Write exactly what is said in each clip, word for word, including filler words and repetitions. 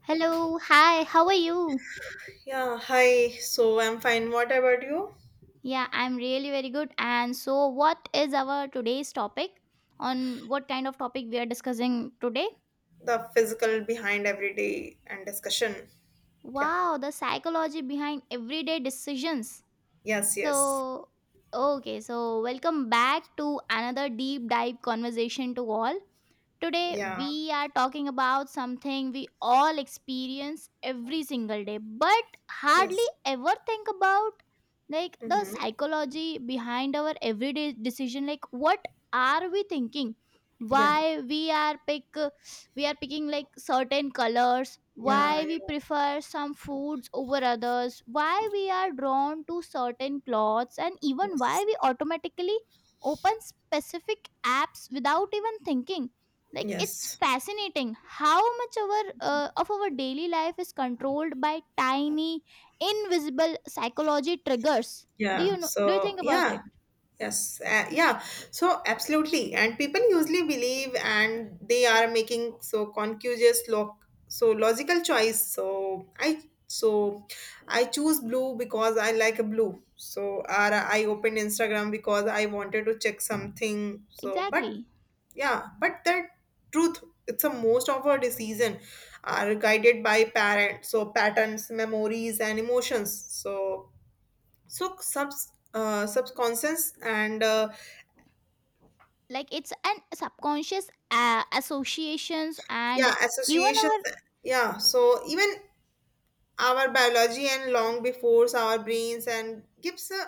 Hello, hi, how are you? Yeah, hi. So I'm fine. What about you? Yeah, I'm really very good. And so, what is our today's topic? On what kind of topic we are discussing today? The physical behind everyday and discussion. Yeah. Wow, the psychology behind everyday decisions. Yes, yes. So, okay, so welcome back to another deep dive conversation to all. Today, Yeah. we are talking about something we all experience every single day, but hardly Yes. ever think about, like the Mm-hmm. psychology behind our everyday decision. Like, what are we thinking? Yeah. Why we are pick we are picking like certain colors? Yeah. Why we Yeah. prefer some foods over others? Why we are drawn to certain clothes? And even why Yes. we automatically open specific apps without even thinking? Like it's Yes. fascinating how much our uh, of our daily life is controlled by tiny invisible psychology triggers. do you Yeah. Know do you So, think about it? yeah. Yes. Uh, yeah. So, absolutely. And people usually believe and they are making so conscious lo- so logical choice. So, I so I choose blue because I like blue. So, or I opened Instagram because I wanted to check something. So, but Exactly, yeah, but the truth it's a most of our decision are guided by parents so patterns memories and emotions so so subs uh, subconscious and uh, like it's an subconscious uh, associations and yeah even associations our. yeah so even our biology and long before our brains and gives a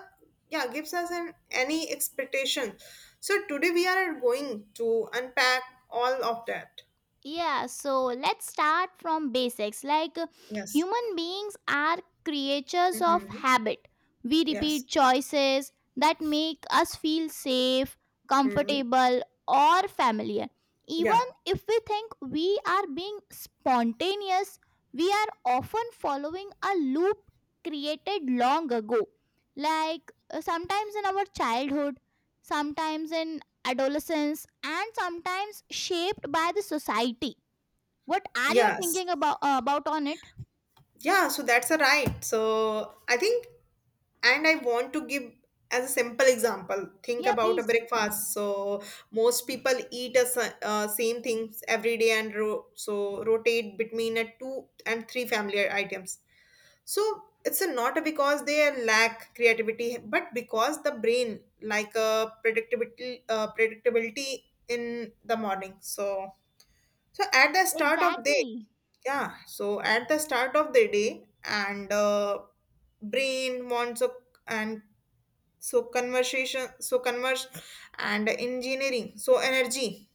yeah gives us an any expectation so today we are going to unpack all of that. Yeah, so let's start from basics. Like uh, Yes. human beings are creatures of Mm-hmm. habit. We Yes. repeat choices that make us feel safe, Hmm. comfortable, or familiar. Even Yeah. if we think we are being spontaneous, we are often following a loop created long ago. Like uh, sometimes in our childhood, sometimes in adolescence, and sometimes shaped by the society. What are you Yes. thinking about about on it? Yeah, so that's a right. So I think, and I want to give as a simple example. Think Yeah, about a please. breakfast. So most people eat a, sa- uh, same things every day and ro- so rotate between a two and three family items. So it's a not because they lack creativity, but because the brain like a predictability, uh, predictability in the morning. So so at the start of day Exactly. yeah so at the start of the day and uh, brain wants a, and so conversation so converse and engineering so energy.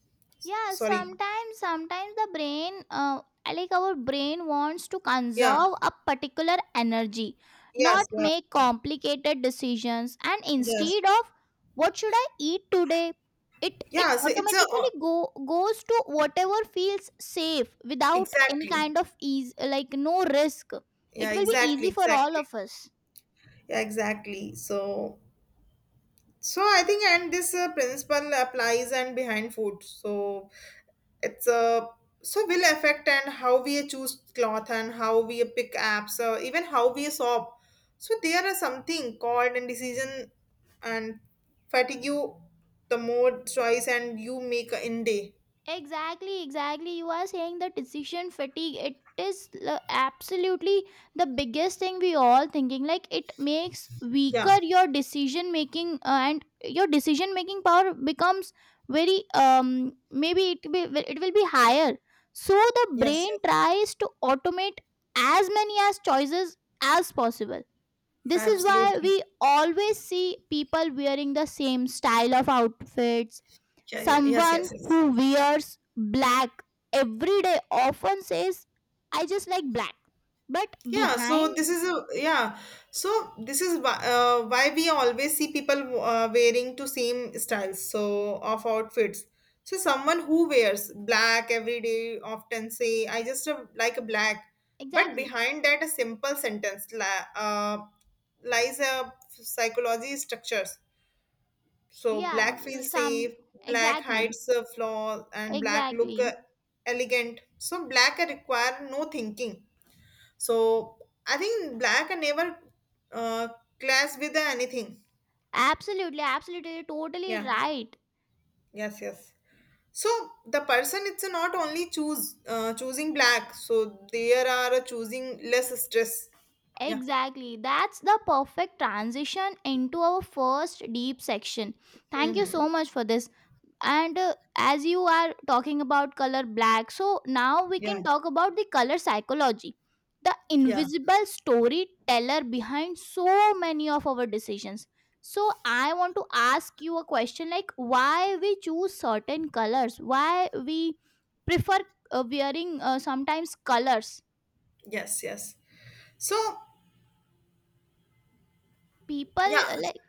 Yeah, Sorry. sometimes sometimes the brain, uh, like our brain, wants to Yeah. conserve a particular energy, not Yes, yeah. make complicated decisions, and Yes, instead of what should I eat today, it it yeah so it's a uh, automatically go goes to whatever feels safe without any exactly kind of ease, like no risk. yeah It will be exactly easy for all exactly of us. yeah exactly so so I think and this uh, principle applies and behind food so it's a so will affect and how we choose cloth and how we pick apps uh, even how we shop so there are something called and decision and fatigue the more choice and you make in day. Exactly, exactly. You are saying the decision fatigue. It is l- absolutely the biggest thing we all thinking. Like it makes weaker Yeah. your decision making, uh, and your decision making power becomes very um maybe it be it will be higher. So the Yes, brain yes, tries to automate as many as choices as possible. This is why absolutely. we always see people wearing the same style of outfits. Yeah, yeah, yes, Someone yes, yes. who wears black every day often says, "I just like black." But Yeah, so behind, this is a yeah. So this is why, uh, why we always see people uh, wearing to same styles so of outfits. So someone who wears black every day often say, "I just uh, like a black," but exactly. behind that a simple sentence li- uh, lies a psychology structures. So Yeah, black l- feels some safe, black exactly. hides a flaw, and black look uh, Exactly. elegant. So black require no thinking so I think black and never uh, clash with anything. Absolutely, absolutely, you're totally Yeah. right. Yes. Yes. So the person it's not only choose uh, choosing black. So there are choosing less stress. Yeah. Exactly. That's the perfect transition into our first deep section. Thank you Mm-hmm. so much for this. And uh, as you are talking about color black, so now we can Yeah. talk about the color psychology, the Yeah. invisible storyteller behind so many of our decisions. So I want to ask you a question, like why we choose certain colors, why we prefer, uh, wearing, uh, sometimes colors. Yes. Yes. So People yeah. uh, like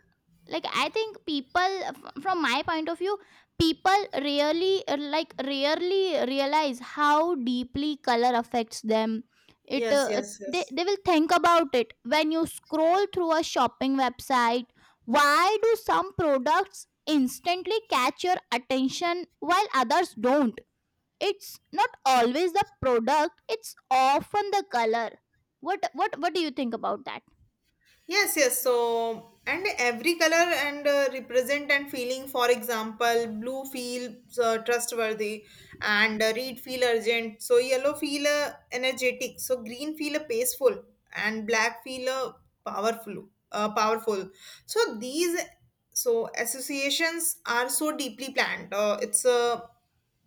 like I think people f- from my point of view, people really uh, like rarely realize how deeply color affects them. it Yes. uh, Yes. they, Yes. they will think about it when you scroll through a shopping website. Why do some products instantly catch your attention while others don't? It's not always the product, it's often the color. What what what do you think about that? Yes, yes. So, and every color and uh, represent and feeling. For example, blue feels uh, trustworthy, and uh, red feel urgent. So yellow feel uh, energetic. So green feel uh, peaceful, and black feel uh, powerful. Uh, powerful. So these so associations are so deeply planned. Uh, it's uh,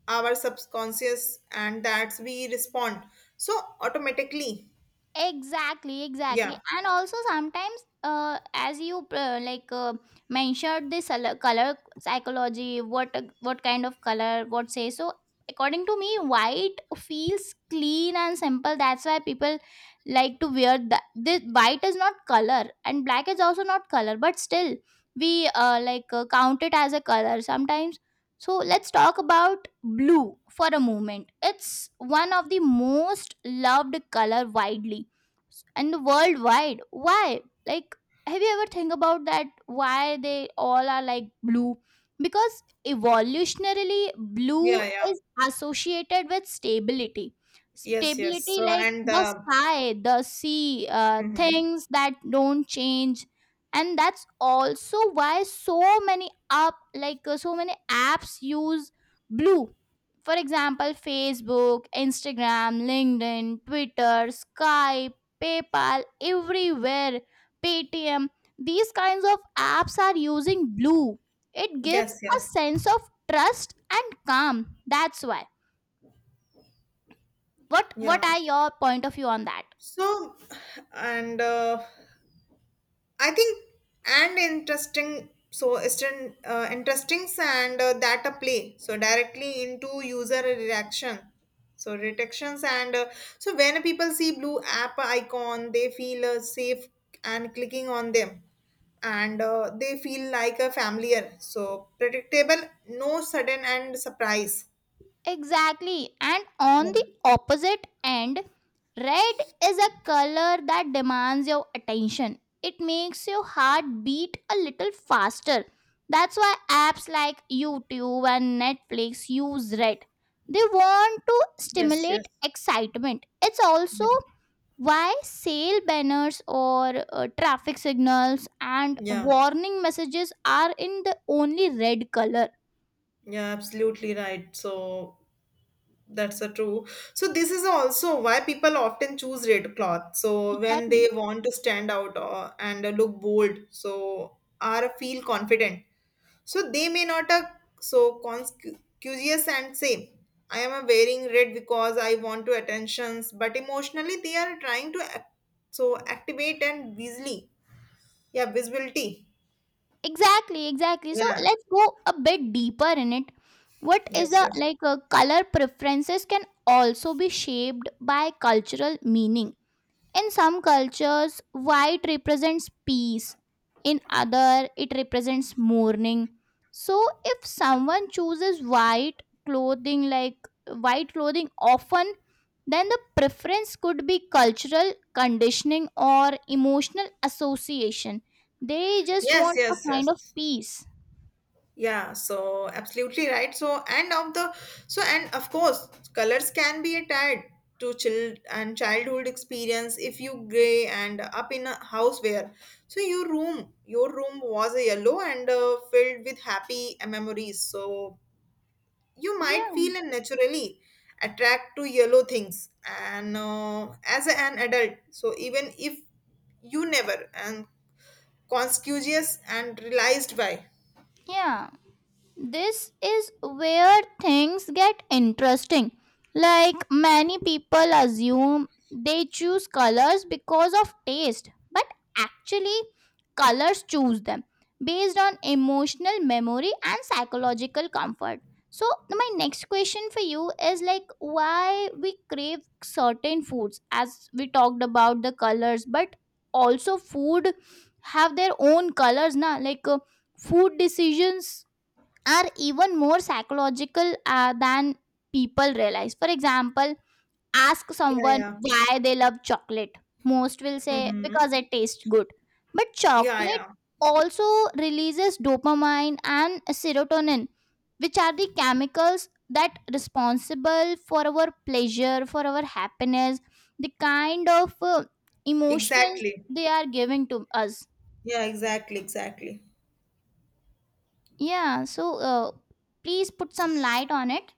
our subconscious, and that's we respond so automatically. Exactly, exactly. Yeah, And also sometimes, uh, as you uh, like uh, mentioned this colo- color psychology, what, uh, what kind of color what say. So according to me, white feels clean and simple. That's why people like to wear that. This white is not color and black is also not color, but still we uh, like uh, count it as a color sometimes. So let's talk about blue for a moment. It's one of the most loved color widely and worldwide. Why? Like, have you ever think about that, why they all are like blue? Because evolutionarily blue yeah, yeah. is associated with stability, Yes, yes. stability So, like and the uh, sky, the sea, uh, Mhm. things that don't change. And that's also why so many up like uh, so many apps use blue. For example, Facebook, Instagram, LinkedIn, Twitter, Skype, PayPal, everywhere, Paytm. These kinds of apps are using blue. It gives Yes, a yes. sense of trust and calm. That's why. What what Yeah. are your point of view on that? So, and uh, I think and interesting. So, it's an, uh, interesting and uh, that a play. So, directly into user reaction. So, detections and uh, so when people see blue app icon, they feel uh, safe and clicking on them and uh, they feel like a familiar so predictable no sudden and surprise. Exactly. And on the Yeah. opposite end, red is a color that demands your attention. It makes your heart beat a little faster. That's why apps like YouTube and Netflix use red. They want to Yes, stimulate yes. excitement. It's also Yeah. why sale banners or, uh, traffic signals and Yeah, warning messages are in the only red color. yeah, absolutely right. So that's a true. So this is also why people often choose red cloth. So when Exactly. they want to stand out uh, and uh, look bold, so or feel confident. So they may not uh, so conscious and say, I am uh, wearing red because I want to attentions, but emotionally they are trying to act, so activate and visibly, yeah, visibility. Exactly, exactly. So Yeah. let's go a bit deeper in it. What is Yes, the yes. like uh, Color preferences can also be shaped by cultural meaning. In some cultures, white represents peace. In other, it represents mourning. So if someone chooses white clothing, like white clothing often, then the preference could be cultural conditioning or emotional association. They just Yes, want a yes, kind of yes. peace. Yeah, so absolutely right. So and of the so and of course colors can be a tied to child and childhood experience if you gray and up in a house where so your room your room was a yellow and uh, filled with happy memories. So you might Yeah. feel and naturally attract to yellow things and uh, as an adult. So even if you never and conscious and realized why. Yeah. This is where things get interesting. Like many people assume they choose colors because of taste, but actually, colors choose them based on emotional memory and psychological comfort. So, my next question for you is, like why we crave certain foods, as we talked about the colors, but also food have their own colors, na? Like uh, food decisions are even more psychological uh, than people realize. For example, ask Yeah. someone Yeah. why they love chocolate. Most will say Mm-hmm. because it tastes good. But Yeah, chocolate yeah. also releases dopamine and serotonin, which are the chemicals that responsible for our pleasure, for our happiness, the kind of uh, emotions Exactly. they are giving to us. Yeah, exactly, exactly. Yeah, so uh, please put some light on it.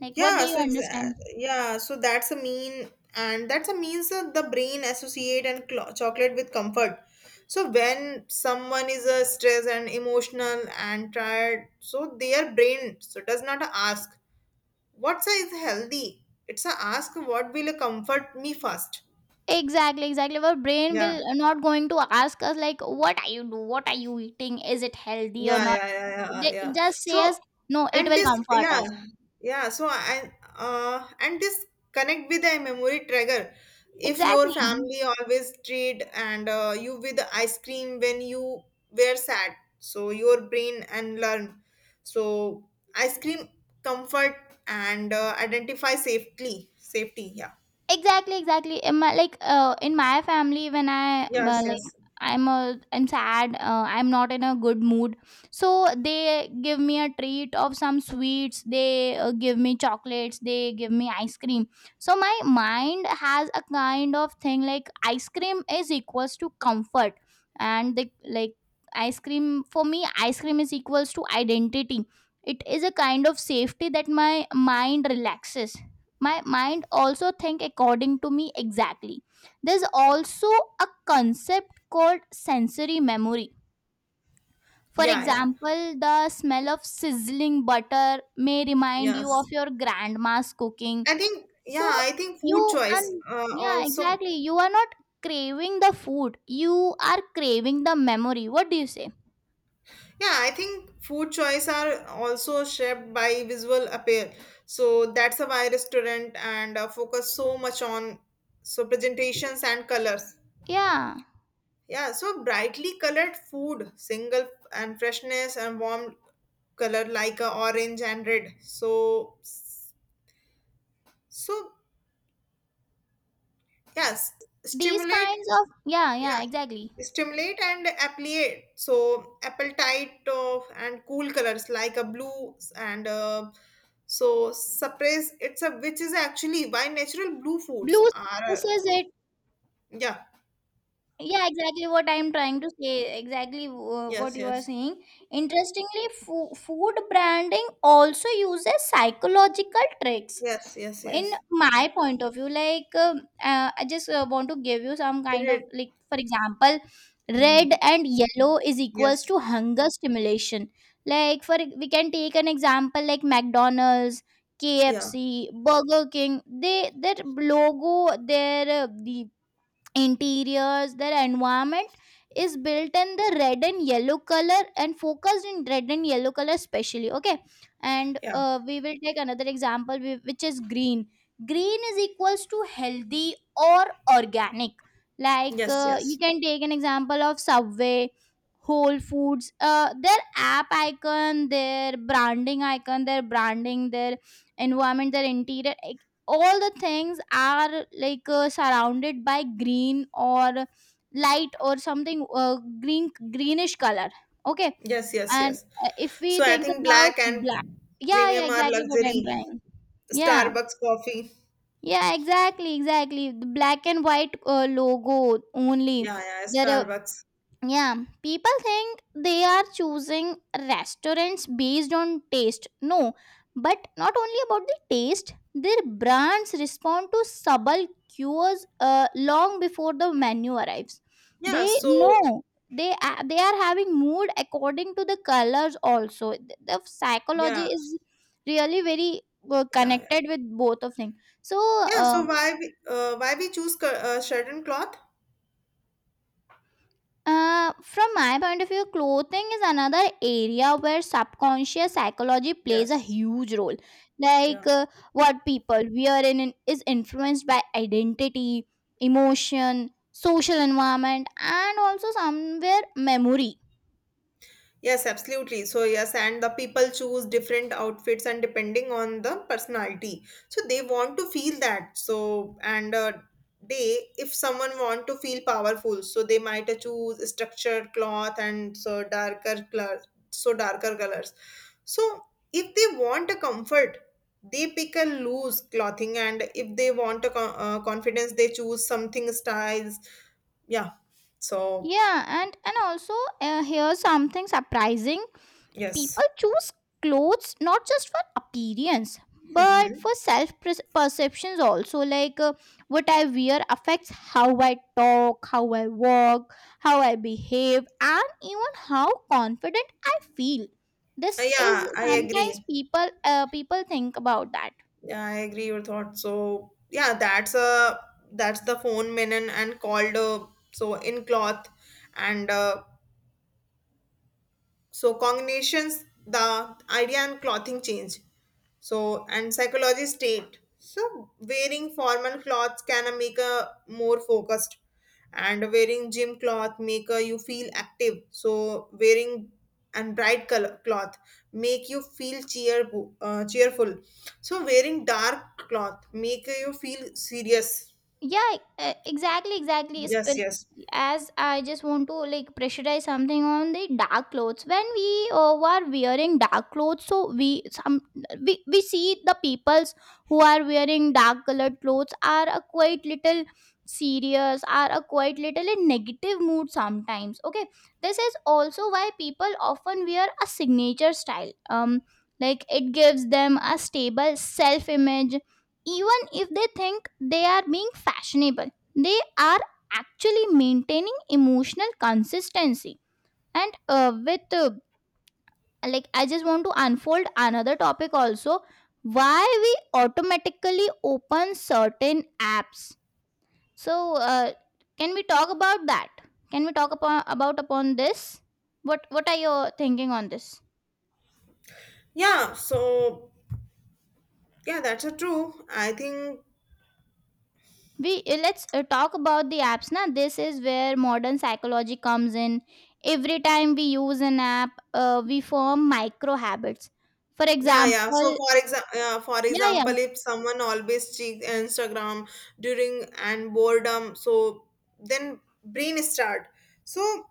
Like, what Yeah, do you so exa- understand? yeah, so that's a mean and that's a means that the brain associate and clo- chocolate with comfort. So when someone is uh, stressed and emotional and tired, so their brain so does not ask what's a is healthy. It's a ask what will comfort me first. Exactly, exactly. Our brain Yeah. will not going to ask us like, "What are you do? What are you eating? Is it healthy or yeah not?" yeah yeah yeah uh, They yeah it just say so us, "No, it and will this comfort yeah us." yeah so and uh and this connect with a memory trigger if your Exactly. family always treat and uh, you with ice cream when you were sad so your brain and learn so ice cream comfort and uh, identify safely safety. Yeah. Exactly, exactly. In my like uh, in my family, when I uh, Yes. like Yes. I'm a I'm sad, uh, I'm not in a good mood, so they give me a treat of some sweets. They uh, give me chocolates. They give me ice cream. So my mind has a kind of thing like ice cream is equals to comfort, and the like ice cream for me, ice cream is equals to identity. It is a kind of safety that my mind relaxes. My mind also think according to me, exactly. There's also a concept called sensory memory. For yeah yeah example, the smell of sizzling butter may remind you of yes your grandma's cooking. i think So yeah i think you food choice and uh, Yeah, also. exactly, you are not craving the food, you are craving the memory. What do you say? Yeah, I think food choice are also shaped by visual appeal. So that's why restaurant and uh, focus so much on so presentations and colors. Yeah, Yeah, so brightly colored food, single and freshness and warm color like uh, orange and red. So so yes, these stimulate kinds of, yeah, yeah. yeah, exactly. Stimulate and appellate. So appetite of and cool colors like a blue and uh, so suppress. It's a which is actually why natural blue foods Blue are uh, surfaces it. yeah. Yeah, exactly what I'm trying to say. Exactly, uh, what yes you are yes saying. Interestingly, fo- food branding also uses psychological tricks. yes yes In yes my point of view, like, um uh, I just uh, want to give you some kind of, Red. like, for example, red Mm, and yellow is equals yes. to hunger stimulation. Like for We can take an example like McDonald's, yeah K F C, Burger King. They their logo, their uh, the interiors, their environment is built in the red and yellow color and focused in red and yellow color, especially, okay. And yeah uh, we will take another example whi- which is green. Green is equals to healthy or organic, like, yes uh, you yes can take an example of Subway, Whole Foods, uh, their app icon, their branding icon, their branding, their environment, their interior, all the things are like, uh, surrounded by green, or light, or something uh, green greenish color, okay. yes yes And yes. uh, if we So I think think about black black, and yeah, yeah, premium are exactly, what I'm luxury. trying. Yeah, Starbucks coffee. yeah, exactly, exactly, the black and white uh, logo only Yeah, yeah, there. Starbucks. Yeah, people think they are choosing restaurants based on taste. No, but not only about the taste, their brands respond to subtle cues, uh, long before the menu arrives. Yeah, They so know, they a- they are having mood according to the colors also. The the psychology yeah, is really very uh, yeah, yeah. connected with both of things. So, Yeah, uh, so why we, uh, why we choose cur- uh, certain cloth? Uh, from my point of view, clothing is another area where subconscious psychology plays a Yes. huge role. Yeah. Like, uh, what people wear in in- is influenced by identity, emotion, social environment, and also somewhere memory. Yes, absolutely. So, yes, and the people choose different outfits and depending on the personality. So, they want to feel that. So, and uh, they, if someone want to feel powerful, so they might choose structured cloth and so darker colors, so darker colors. So, if they want a comfort, they pick a loose clothing, and if they want a co- uh, confidence, they choose something styles. Yeah. So, Yeah, and and also, uh, here's something surprising. yes. People choose clothes not just for appearance Hmm. but for self perceptions also, like uh, what I wear affects how I talk, how I walk, how I behave, and even how confident I feel. This is Yeah, I sometimes agree. people uh, people think about that. Yeah, I agree your thoughts. So yeah, that's a that's the phone menon and called uh, so in cloth and uh, so combinations the idea and clothing change so, and psychology state. So, wearing formal clothes can uh, make a more focused, and wearing gym cloth make a, you feel active. So, wearing and bright color cloth make you feel cheer uh, cheerful. So, wearing dark cloth make you feel serious. Yeah, uh, exactly, exactly. Yes, Espe- yes. As I just want to like pressurize something on the dark clothes, when we uh, were wearing dark clothes, so we some we, we see the peoples who are wearing dark colored clothes are a quite little serious, are a quite little in negative mood sometimes. Okay, this is also why people often wear a signature style, um like it gives them a stable self image. Even if they think they are being fashionable, they are actually maintaining emotional consistency. And uh, with uh, Like, I just want to unfold another topic also. Why we automatically open certain apps? so uh, can we talk about that? Can we talk upon, about upon this? What what are your thinking on this? Yeah. So, yeah, that's a true. I think We uh, let's uh, talk about the apps na. This is where modern psychology comes in. Every time we use an app, uh, we form micro habits. For yeah, yeah. So example, for example, uh, for yeah, yeah. example, if someone always checks Instagram during and boredom, so then brain start. So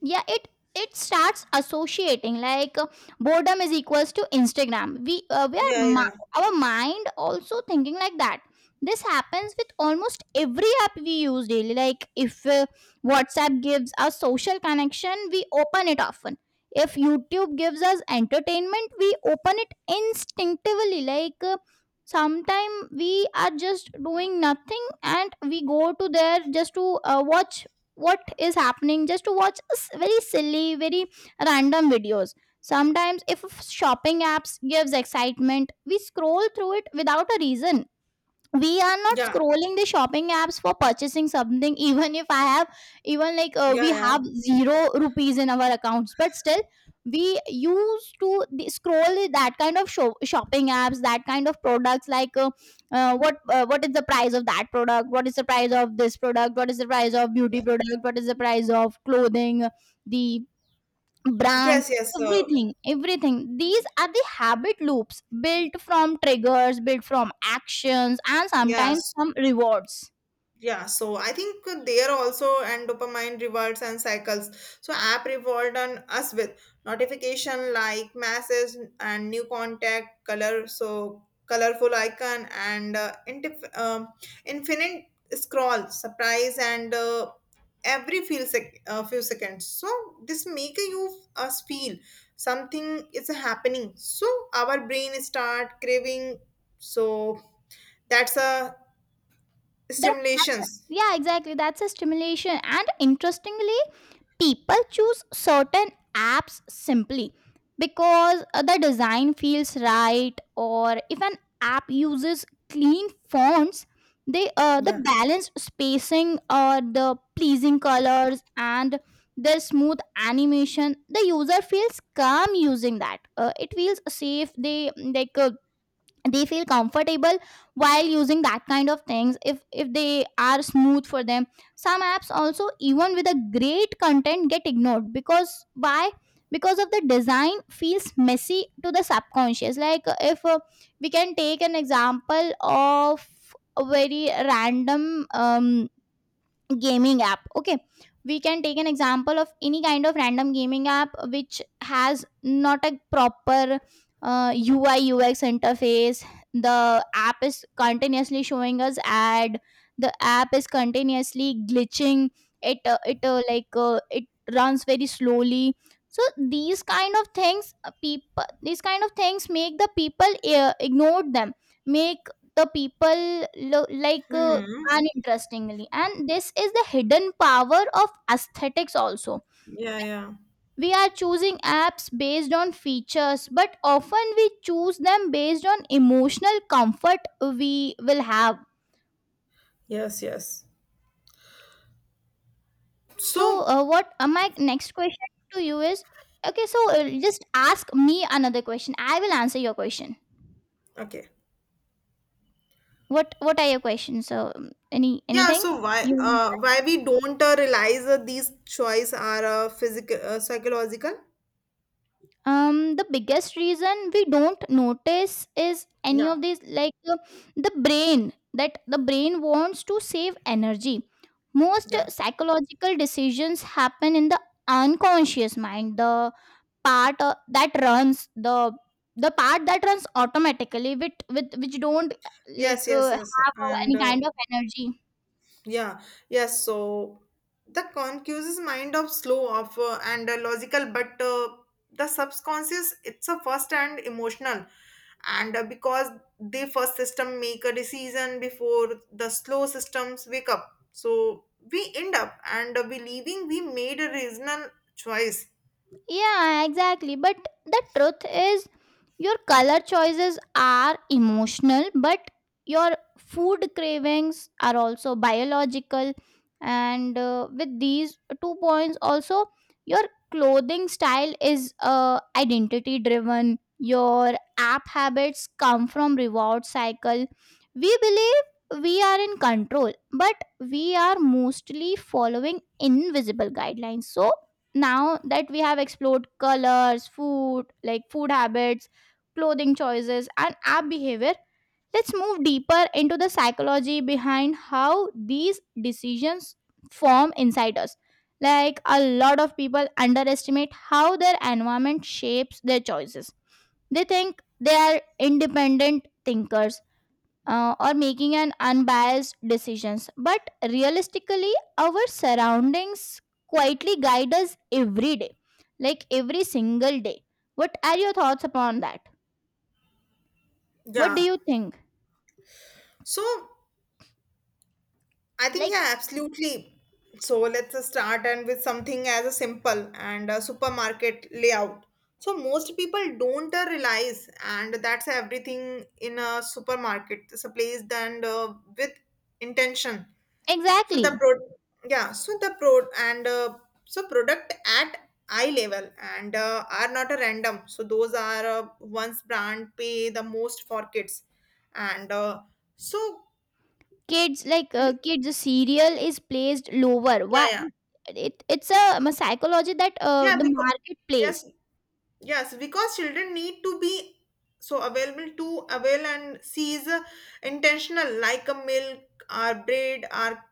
Yeah, it it starts associating like, uh, boredom is equals to Instagram. we uh, we are yeah, yeah, mi- our mind also thinking like that. This happens with almost every app we use daily. Like, if uh, WhatsApp gives us social connection, we open it often. If YouTube gives us entertainment, we open it instinctively. Like, uh, sometime we are just doing nothing and we go to there just to uh, watch what is happening, just to watch s- very silly, very random videos. Sometimes, if shopping apps gives excitement, we scroll through it without a reason. We are not yeah, scrolling the shopping apps for purchasing something, even if I have, even like, uh, yeah, we yeah. have zero rupees in our accounts, but still we used to the- scroll that kind of sho- shopping apps, that kind of products. Like, uh, uh, what, uh, what is the price of that product, what is the price of this product, what is the price of beauty Yeah. product, what is the price of clothing, the Yes, brands, yes. Uh, everything, everything. These are the habit loops, built from triggers, built from actions, and yeah. sometimes some rewards. Yeah, so I think there also and dopamine rewards and cycles. So app reward on us with notification like message and new contact color. So colorful icon and uh, intif- um, infinite scroll surprise and uh, every few sec- uh, few seconds. So this make you us feel something is happening. So our brain start craving. So that's a that that's a, stimulations. yeah, exactly, that's a stimulation. And interestingly, people choose certain apps simply because uh, the design feels right. Or if an app uses clean fonts, they uh, the Yeah. balanced spacing, or the pleasing colors, and the smooth animation, the user feels calm using that. Uh, it feels safe, they like, uh, they feel comfortable while using that kind of things, if if they are smooth for them. Some apps also, even with a great content, get ignored, because why? Because of the design feels messy to the subconscious. Like, uh, if uh, we can take an example of a very random, um, gaming app. Okay, we can take an example of any kind of random gaming app which has not a proper uh, UI UX interface. The app is continuously showing us ad, the app is continuously glitching. It uh, it uh, like uh, it runs very slowly. So these kind of things, uh, people these kind of things make the people uh, ignore them, make the people lo- like uh, Hmm. uninterestingly. And this is the hidden power of aesthetics also. Yeah, yeah. We are choosing apps based on features, but often we choose them based on emotional comfort we will have. Yes, yes. So, So, uh, what uh, my next question to you is, okay, so, uh, just ask me another question. I will answer your question. okay. What What are your questions? So, um, any Yeah, anything so why you. uh why we don't uh, realize that these choice are uh, physical uh, psychological? Um the biggest reason we don't notice is any Yeah, of these. Like, uh, the brain that the brain wants to save energy. Most uh, yeah. psychological decisions happen in the unconscious mind, the part uh, that runs the the part that runs automatically, with, with which don't uh, like Yes, uh, yes, yes. have uh, And any uh, kind of energy. Yeah, yes. So the concuse's mind of slow of uh, and uh, logical, but uh, the subconscious it's a first and emotional, and uh, because the first system make a decision before the slow systems wake up, so we end up and uh, believing we made a reasonable choice. Yeah, exactly, but the truth is, your color choices are emotional, but your food cravings are also biological. And uh, With these two points, also, your clothing style is, uh, identity driven. Your app habits come from reward cycle. We believe we are in control, but we are mostly following invisible guidelines. So now that we have explored colors, food, like food habits, clothing choices, and app behavior, let's move deeper into the psychology behind how these decisions form inside us. Like, a lot of people underestimate how their environment shapes their choices. They think they are independent thinkers, uh, or making an unbiased decisions, but realistically, our surroundings quietly guide us every day, like every single day. What are your thoughts upon that? What do Yeah. you think? So I think, Like, yeah, absolutely. So let's uh, start and with something as a simple and a supermarket layout. So most people don't uh, realize, and that's everything in a supermarket. It's a place then uh, with intention. So the exactly, pro, yeah, so the pro and uh, so product at eye level and uh, are not a random. So those are uh, ones brand pay the most for kids, and uh, so kids, like, yeah, uh, kids the cereal is placed lower, why? yeah It it's a, um, a psychology that uh, yeah the because market plays. yes yes because children need to be so available to avail and seize uh, intentional like a milk or bread are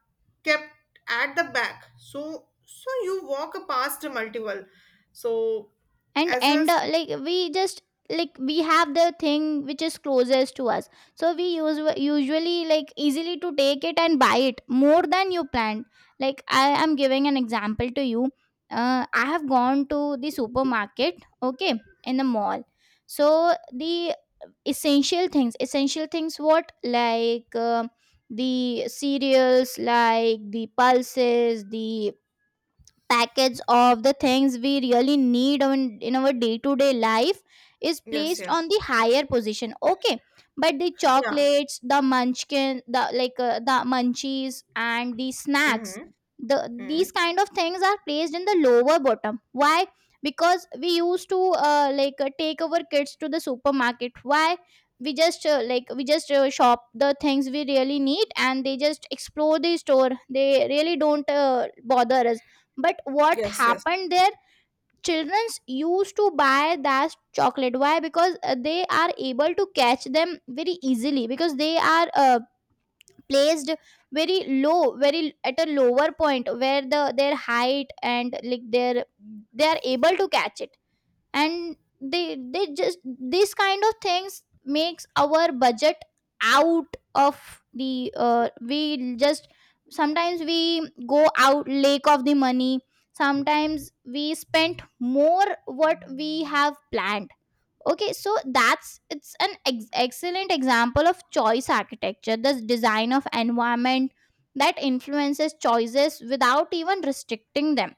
kept at the back so so you walk past multiple so And as a. end up like we just, like we have the thing which is closest to us, so we use usually like easily to take it and buy it more than you planned. Like, I am giving an example to you. uh, I have gone to the supermarket, okay, in the mall. So the essential things essential things, what, like, uh, the cereals, like the pulses, the package of the things we really need on, in our day-to-day life, is Yes. placed on Yes. the higher position, okay? But the Yeah. chocolates, the munchkin, the, like, uh, the munchies and the snacks, Mm-hmm. the Mm-hmm. these kind of things are placed in the lower bottom, why? Because we used to uh, like uh, take our kids to the supermarket. Why? We just, uh, like we just uh, shop the things we really need, and they just explore the store, they really don't uh, bother us. But what Yes. Yes. happened there? Children used to buy that chocolate, why? Because uh, they are able to catch them very easily, because they are uh, placed very low, very at a lower point, where the their height and like their, they are able to catch it. And they they just, these kind of things makes our budget out of the, uh, we just, sometimes we go out lake of the money, sometimes we spent more what we have planned. Okay, so that's it's an ex- excellent example of choice architecture, the design of environment that influences choices without even restricting them.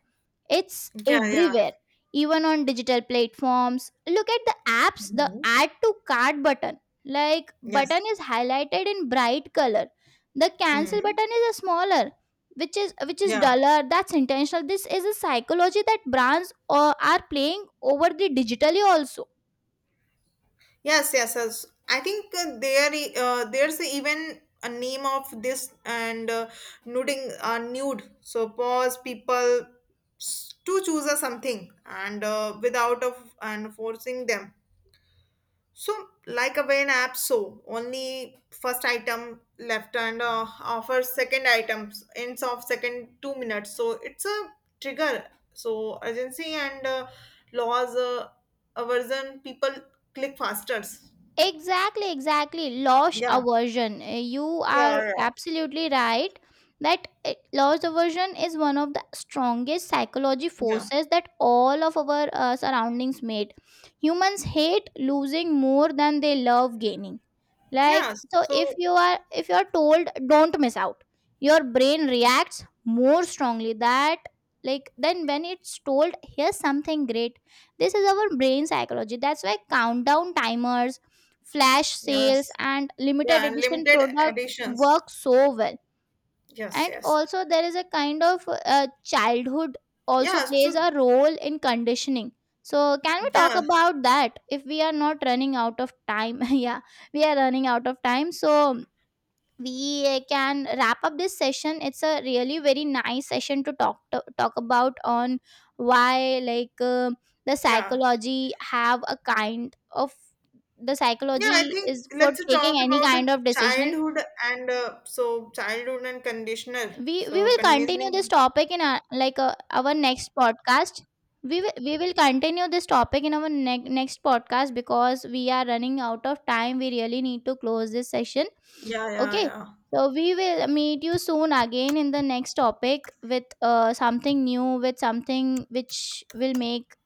It's Yeah. Yeah. everywhere, even on digital platforms. Look at the apps, the Mm-hmm. add to cart button, like button, Yes. is highlighted in bright color. The cancel Hmm. button is a smaller, which is which is Yeah. duller. That's intentional. This is a psychology that brands uh, are playing over the digitally also. Yes, yes, yes. I think uh, there i- uh, there's even a name of this and uh, nuding uh, nude. So pause people s- to choose a something and uh, without of and forcing them. So like a an app, so only first item left and uh, offers second items ends of second two minutes. So it's a trigger. So urgency and uh, laws uh, aversion people click faster. Exactly, exactly, loss yeah, aversion. Uh, You are yeah, yeah, absolutely right that, uh, loss aversion is one of the strongest psychology yeah, forces that all of our uh, surroundings made. Humans hate losing more than they love gaining. Like, yeah. so if So you are, if you are told don't miss out, your brain reacts more strongly that, like, then when it's told here's something great. This is our brain psychology. That's why countdown timers, flash sales, yes, and limited yeah, and edition limited products editions. work so well. Yes, And yes, also there is a kind of, uh, childhood also yeah. plays So a role in conditioning. So can we talk yeah, about that if we are not running out of time? Yeah, we are running out of time, so we uh, can wrap up this session. It's a really very nice session to talk to, talk about on why, like, uh, the yeah, psychology have a kind of, the yeah. I psychology think is for let's talk taking any about the kind of decision. childhood and uh, so childhood and conditioner. We we So will continue this conditioning. topic in our, like, uh, our next podcast. We will we will continue this topic in our ne- next podcast, because we are running out of time, we really need to close this session. Yeah, yeah, Okay, yeah. so we will meet you soon again in the next topic with, uh, something new, with something which will make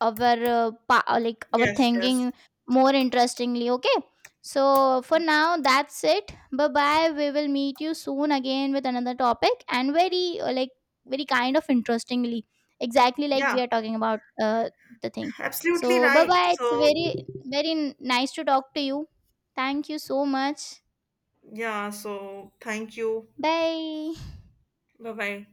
our uh, pa- uh, like our Yes, yes. thinking more interestingly, okay? So for now, that's it, bye bye. We will meet you soon again with another topic, and very, uh, like very kind of interestingly, exactly, like Yeah, we are talking about, uh, the thing. absolutely So bye right. bye, it's So very, very nice to talk to you. Thank you so much. yeah. So thank you. Bye. Bye bye.